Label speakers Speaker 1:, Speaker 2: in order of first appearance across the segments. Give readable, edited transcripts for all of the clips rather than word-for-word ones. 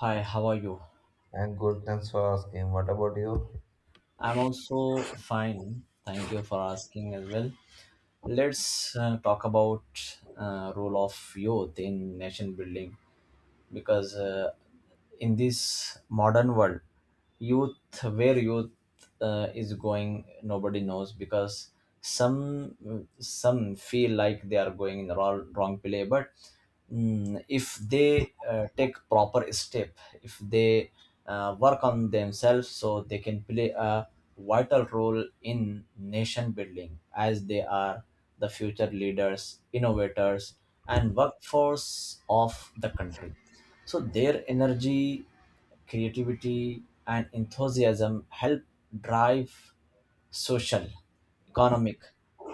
Speaker 1: Hi, how are you?
Speaker 2: And good, thanks for asking. What about you?
Speaker 1: I'm also fine. Thank you for asking as well. Let's talk about role of youth in nation building because in this modern world, youth where youth is going, nobody knows, because some feel like they are going in the wrong play. But if they take proper step, if they work on themselves, so they can play a vital role in nation building, as they are the future leaders, innovators, and workforce of the country. So their energy, creativity, and enthusiasm help drive social, economic,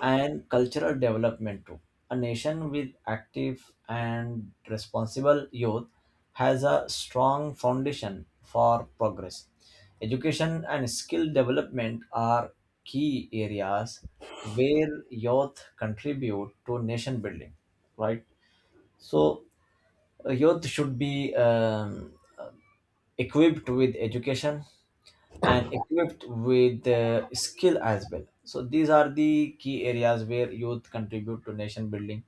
Speaker 1: and cultural development too. A nation with active and responsible youth has a strong foundation for progress. Education and skill development are key areas where youth contribute to nation building, right? So youth should be equipped with education and equipped with the skill as well. So these are the key areas where youth contribute to nation building.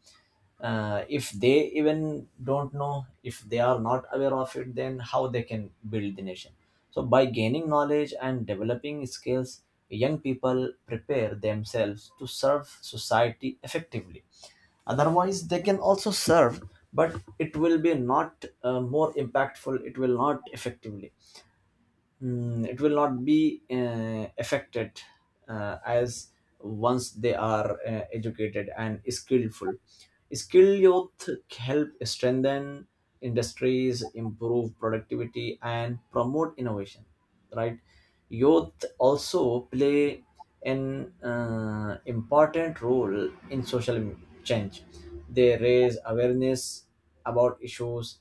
Speaker 1: If they even don't know, if they are not aware of it, then how they can build the nation. So by gaining knowledge and developing skills, young people prepare themselves to serve society effectively. Otherwise they can also serve, but it will be not more impactful, it will not effectively, it will not be affected as once they are educated and skillful. Skilled youth help strengthen industries, improve productivity, and promote innovation, right? Youth also play an important role in social change. They raise awareness about issues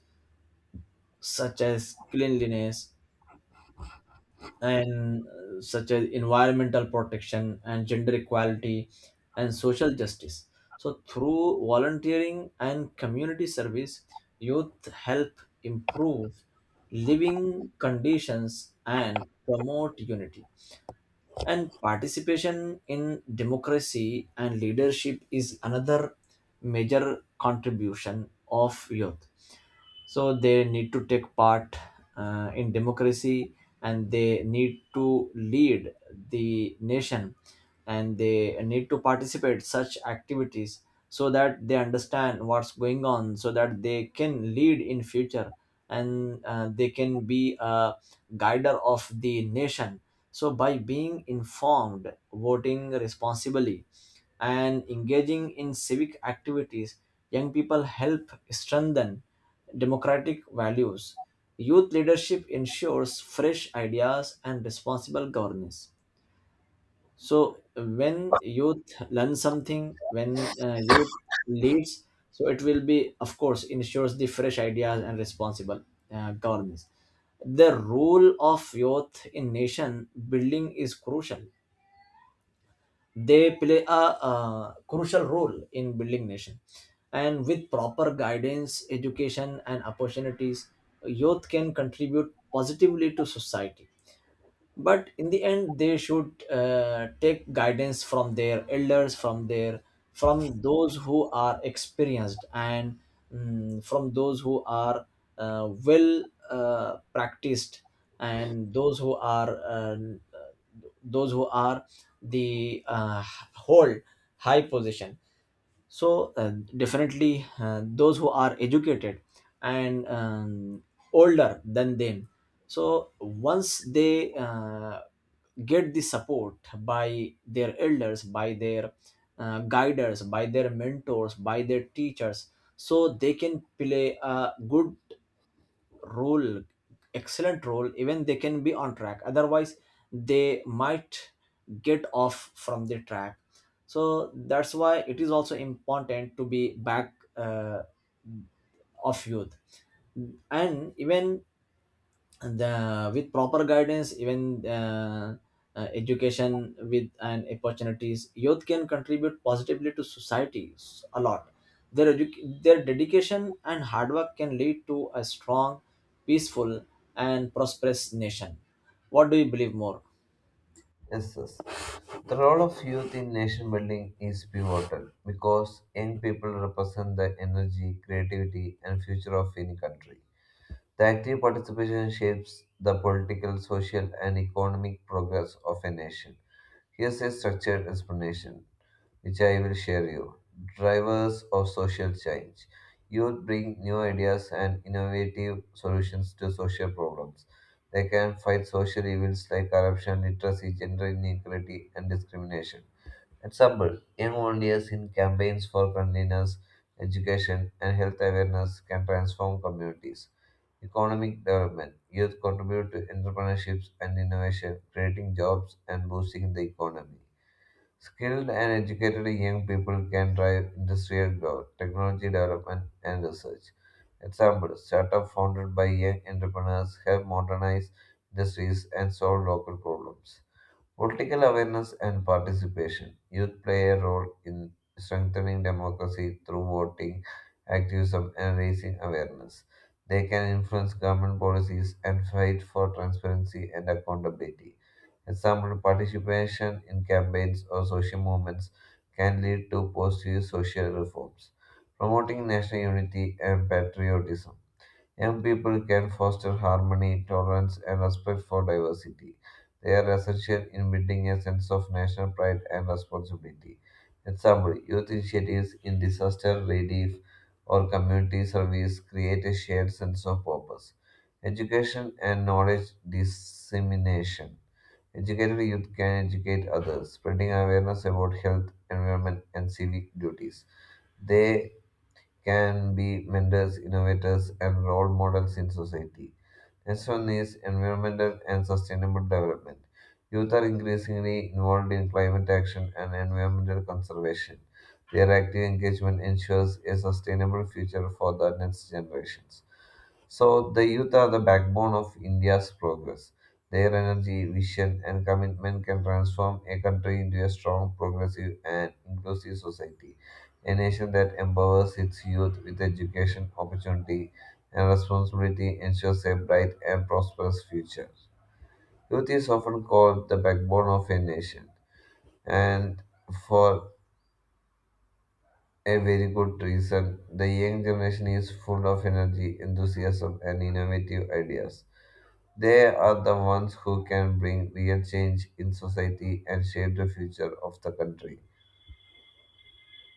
Speaker 1: such as cleanliness and such as environmental protection, and gender equality, and social justice. So through volunteering and community service, youth help improve living conditions and promote unity. And participation in democracy and leadership is another major contribution of youth. So they need to take part in democracy, and they need to lead the nation, and they need to participate such activities, so that they understand what's going on so that they can lead in future, and they can be a guider of the nation. So, by being informed, voting responsibly, and engaging in civic activities, young people help strengthen democratic values. Youth leadership ensures fresh ideas and responsible governance. So when youth learn something, when youth leads, so it will be, of course, ensures the fresh ideas and responsible governance. The role of youth in nation building is crucial. They play a, uh, crucial role in building nation, and with proper guidance, education, and opportunities, youth can contribute positively to society. But in the end they should take guidance from their elders, from their, from those who are experienced, and from those who are practiced, and those who are the hold high position. So definitely those who are educated and older than them. So once they get the support by their elders, by their guiders, by their mentors, by their teachers, so they can play a good role, excellent role, even they can be on track. Otherwise they might get off from the track. So that's why it is also important to be back of youth, and even, and with proper guidance, even education with and opportunities, youth can contribute positively to society a lot. Their their dedication and hard work can lead to a strong, peaceful, and prosperous nation. What do you believe more?
Speaker 2: Yes, yes. The role of youth in nation building is pivotal because young people represent the energy, creativity, and future of any country. The active participation shapes the political, social, and economic progress of a nation. Here's a structured explanation, which I will share you. Drivers of social change. Youth bring new ideas and innovative solutions to social problems. They can fight social evils like corruption, literacy, gender inequality, and discrimination. Example: young volunteers in campaigns for cleanliness, education, and health awareness can transform communities. Economic development. Youth contribute to entrepreneurships and innovation, creating jobs and boosting the economy. Skilled and educated young people can drive industrial growth, technology development, and research. Example, startups founded by young entrepreneurs help modernize industries and solve local problems. Political awareness and participation. Youth play a role in strengthening democracy through voting, activism, and raising awareness. They can influence government policies and fight for transparency and accountability. Example, participation in campaigns or social movements can lead to positive social reforms. Promoting national unity and patriotism. Young people can foster harmony, tolerance, and respect for diversity. They are essential in building a sense of national pride and responsibility. Example, youth initiatives in disaster relief or community service create a shared sense of purpose. Education and knowledge dissemination. Educated youth can educate others, spreading awareness about health, environment, and civic duties. They can be mentors, innovators, and role models in society. Next one is environmental and sustainable development. Youth are increasingly involved in climate action and environmental conservation. Their active engagement ensures a sustainable future for the next generations. So, the youth are the backbone of India's progress. Their energy, vision, and commitment can transform a country into a strong, progressive, and inclusive society. A nation that empowers its youth with education, opportunity, and responsibility ensures a bright and prosperous future. Youth is often called the backbone of a nation, and for a very good reason. The young generation is full of energy, enthusiasm, and innovative ideas. They are the ones who can bring real change in society and shape the future of the country.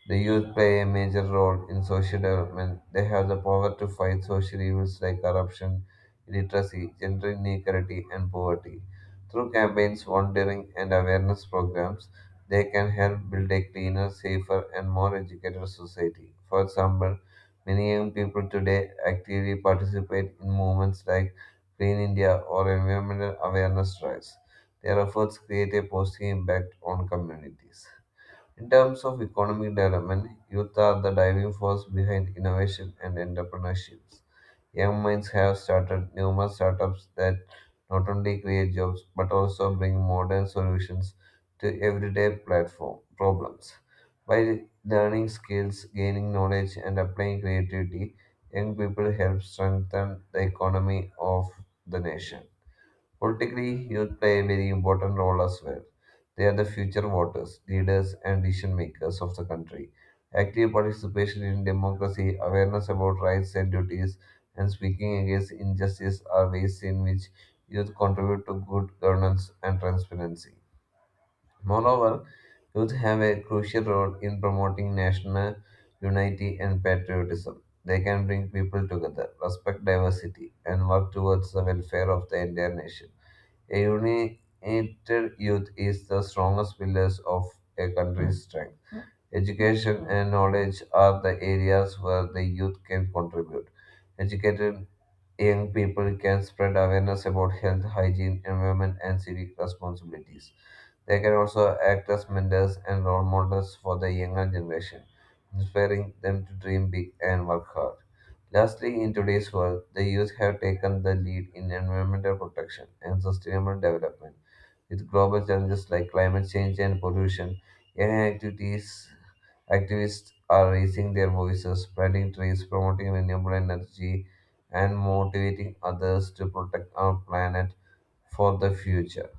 Speaker 2: The youth play a major role in social development. They have the power to fight social evils like corruption, illiteracy, gender inequality, and poverty. Through campaigns, volunteering, and awareness programs, they can help build a cleaner, safer, and more educated society. For example, many young people today actively participate in movements like Clean India or environmental awareness drives. Their efforts create a positive impact on communities. In terms of economic development, youth are the driving force behind innovation and entrepreneurship. Young minds have started numerous startups that not only create jobs but also bring modern solutions to everyday platform problems. By learning skills, gaining knowledge, and applying creativity, young people help strengthen the economy of the nation. Politically, youth play a very important role as well. They are the future voters, leaders, and decision makers of the country. Active participation in democracy, awareness about rights and duties, and speaking against injustice are ways in which youth contribute to good governance and transparency. Moreover, youth have a crucial role in promoting national unity and patriotism. They can bring people together, respect diversity, and work towards the welfare of the entire nation. A united youth is the strongest pillars of a country's strength. Education and knowledge are the areas where the youth can contribute. Educated young people can spread awareness about health, hygiene, environment, and civic responsibilities. They can also act as mentors and role models for the younger generation, inspiring them to dream big and work hard. Lastly, in today's world, the youth have taken the lead in environmental protection and sustainable development. With global challenges like climate change and pollution, AI activities activists are raising their voices, planting trees, promoting renewable energy, and motivating others to protect our planet for the future.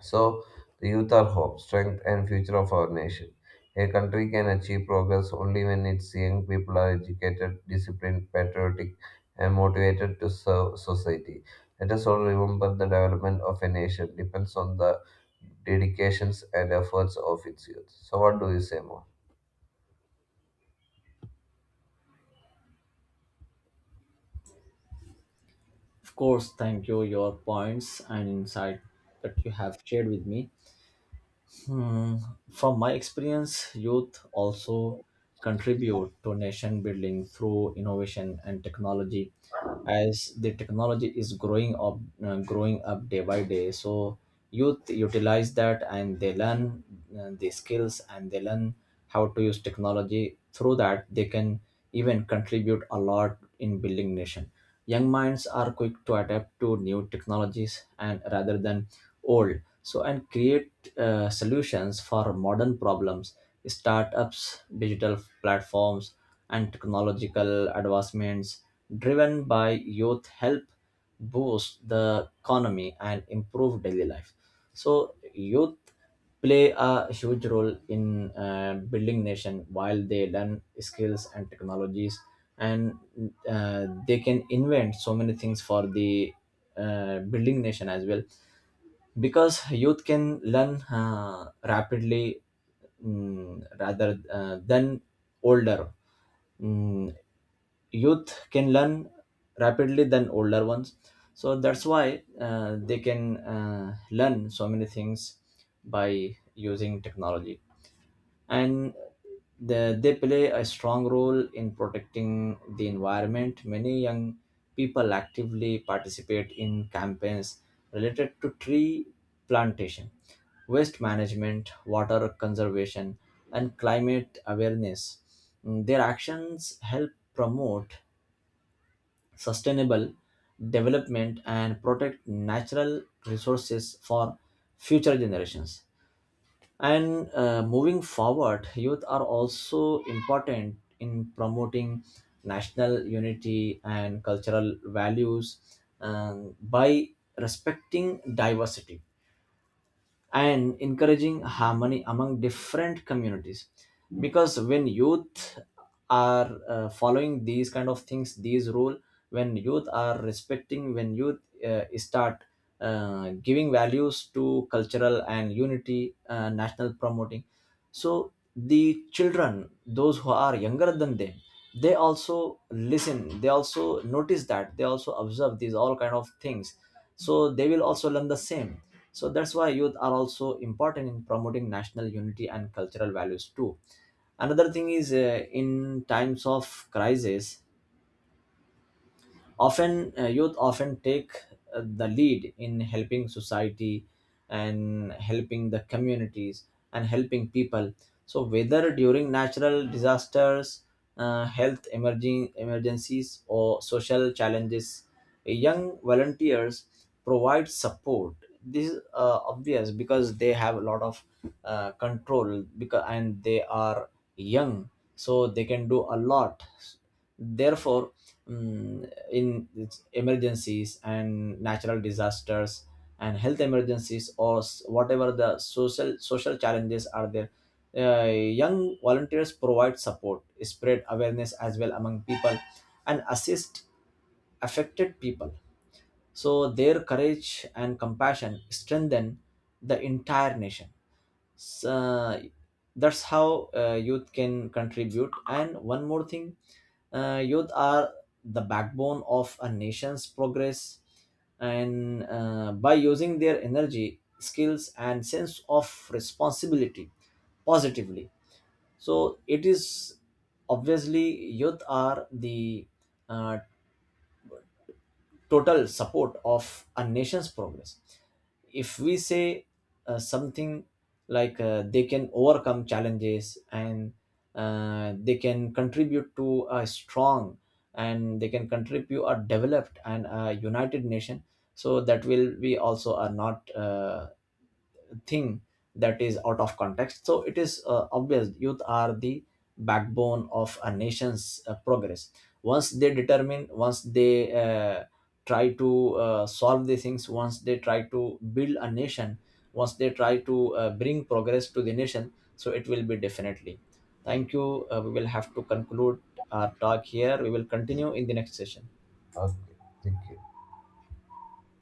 Speaker 2: So, the youth are hope, strength, and future of our nation. A country can achieve progress only when its young people are educated, disciplined, patriotic, and motivated to serve society. Let us all remember the development of a nation depends on the dedications and efforts of its youth. So, what do you say more?
Speaker 1: Of course, thank you your points and insight that you have shared with me. Hmm. From my experience, youth also contribute to nation building through innovation and technology. As the technology is growing up day by day, so youth utilize that and they learn the skills, and they learn how to use technology, through that they can even contribute a lot in building nation. Young minds are quick to adapt to new technologies, and rather than old, so, and create solutions for modern problems. Startups, digital platforms, and technological advancements driven by youth help boost the economy and improve daily life. So youth play a huge role in building nation while they learn skills and technologies, and they can invent so many things for the building nation as well, because youth can learn rapidly, rather than older. Mm, Youth can learn rapidly than older ones. So that's why they can learn so many things by using technology. And they play a strong role in protecting the environment. Many young people actively participate in campaigns related to tree plantation, waste management, water conservation, and climate awareness. Their actions help promote sustainable development and protect natural resources for future generations. And moving forward, youth are also important in promoting national unity and cultural values, by respecting diversity and encouraging harmony among different communities. Because when youth are following these kind of things, these rule, when youth are respecting, when youth start giving values to cultural and unity, national promoting, so the children those who are younger than them, they also listen, they also notice that, they also observe these all kind of things, so they will also learn the same. So that's why youth are also important in promoting national unity and cultural values too. Another thing is, in times of crisis, often youth often take the lead in helping society, and helping the communities, and helping people. So whether during natural disasters, health emerging emergencies, or social challenges, young volunteers provide support. This is obvious, because they have a lot of control, because, and they are young, so they can do a lot. Therefore, in its emergencies and natural disasters and health emergencies or whatever the social challenges are there, young volunteers provide support, spread awareness as well among people, and assist affected people. So their courage and compassion strengthen the entire nation. So that's how youth can contribute. And one more thing, youth are the backbone of a nation's progress, and by using their energy, skills, and sense of responsibility positively, so it is obviously youth are the uh, total support of a nation's progress. If we say something like they can overcome challenges, and they can contribute to a strong, and they can contribute a developed and a united nation, so that will be also a not thing that is out of context. So it is obvious, youth are the backbone of a nation's progress. Once they determine, once they try to solve the things, once they try to build a nation, once they try to bring progress to the nation, so it will be definitely. Thank you, we will have to conclude our talk here, we will continue in the next session.
Speaker 2: Okay, thank you.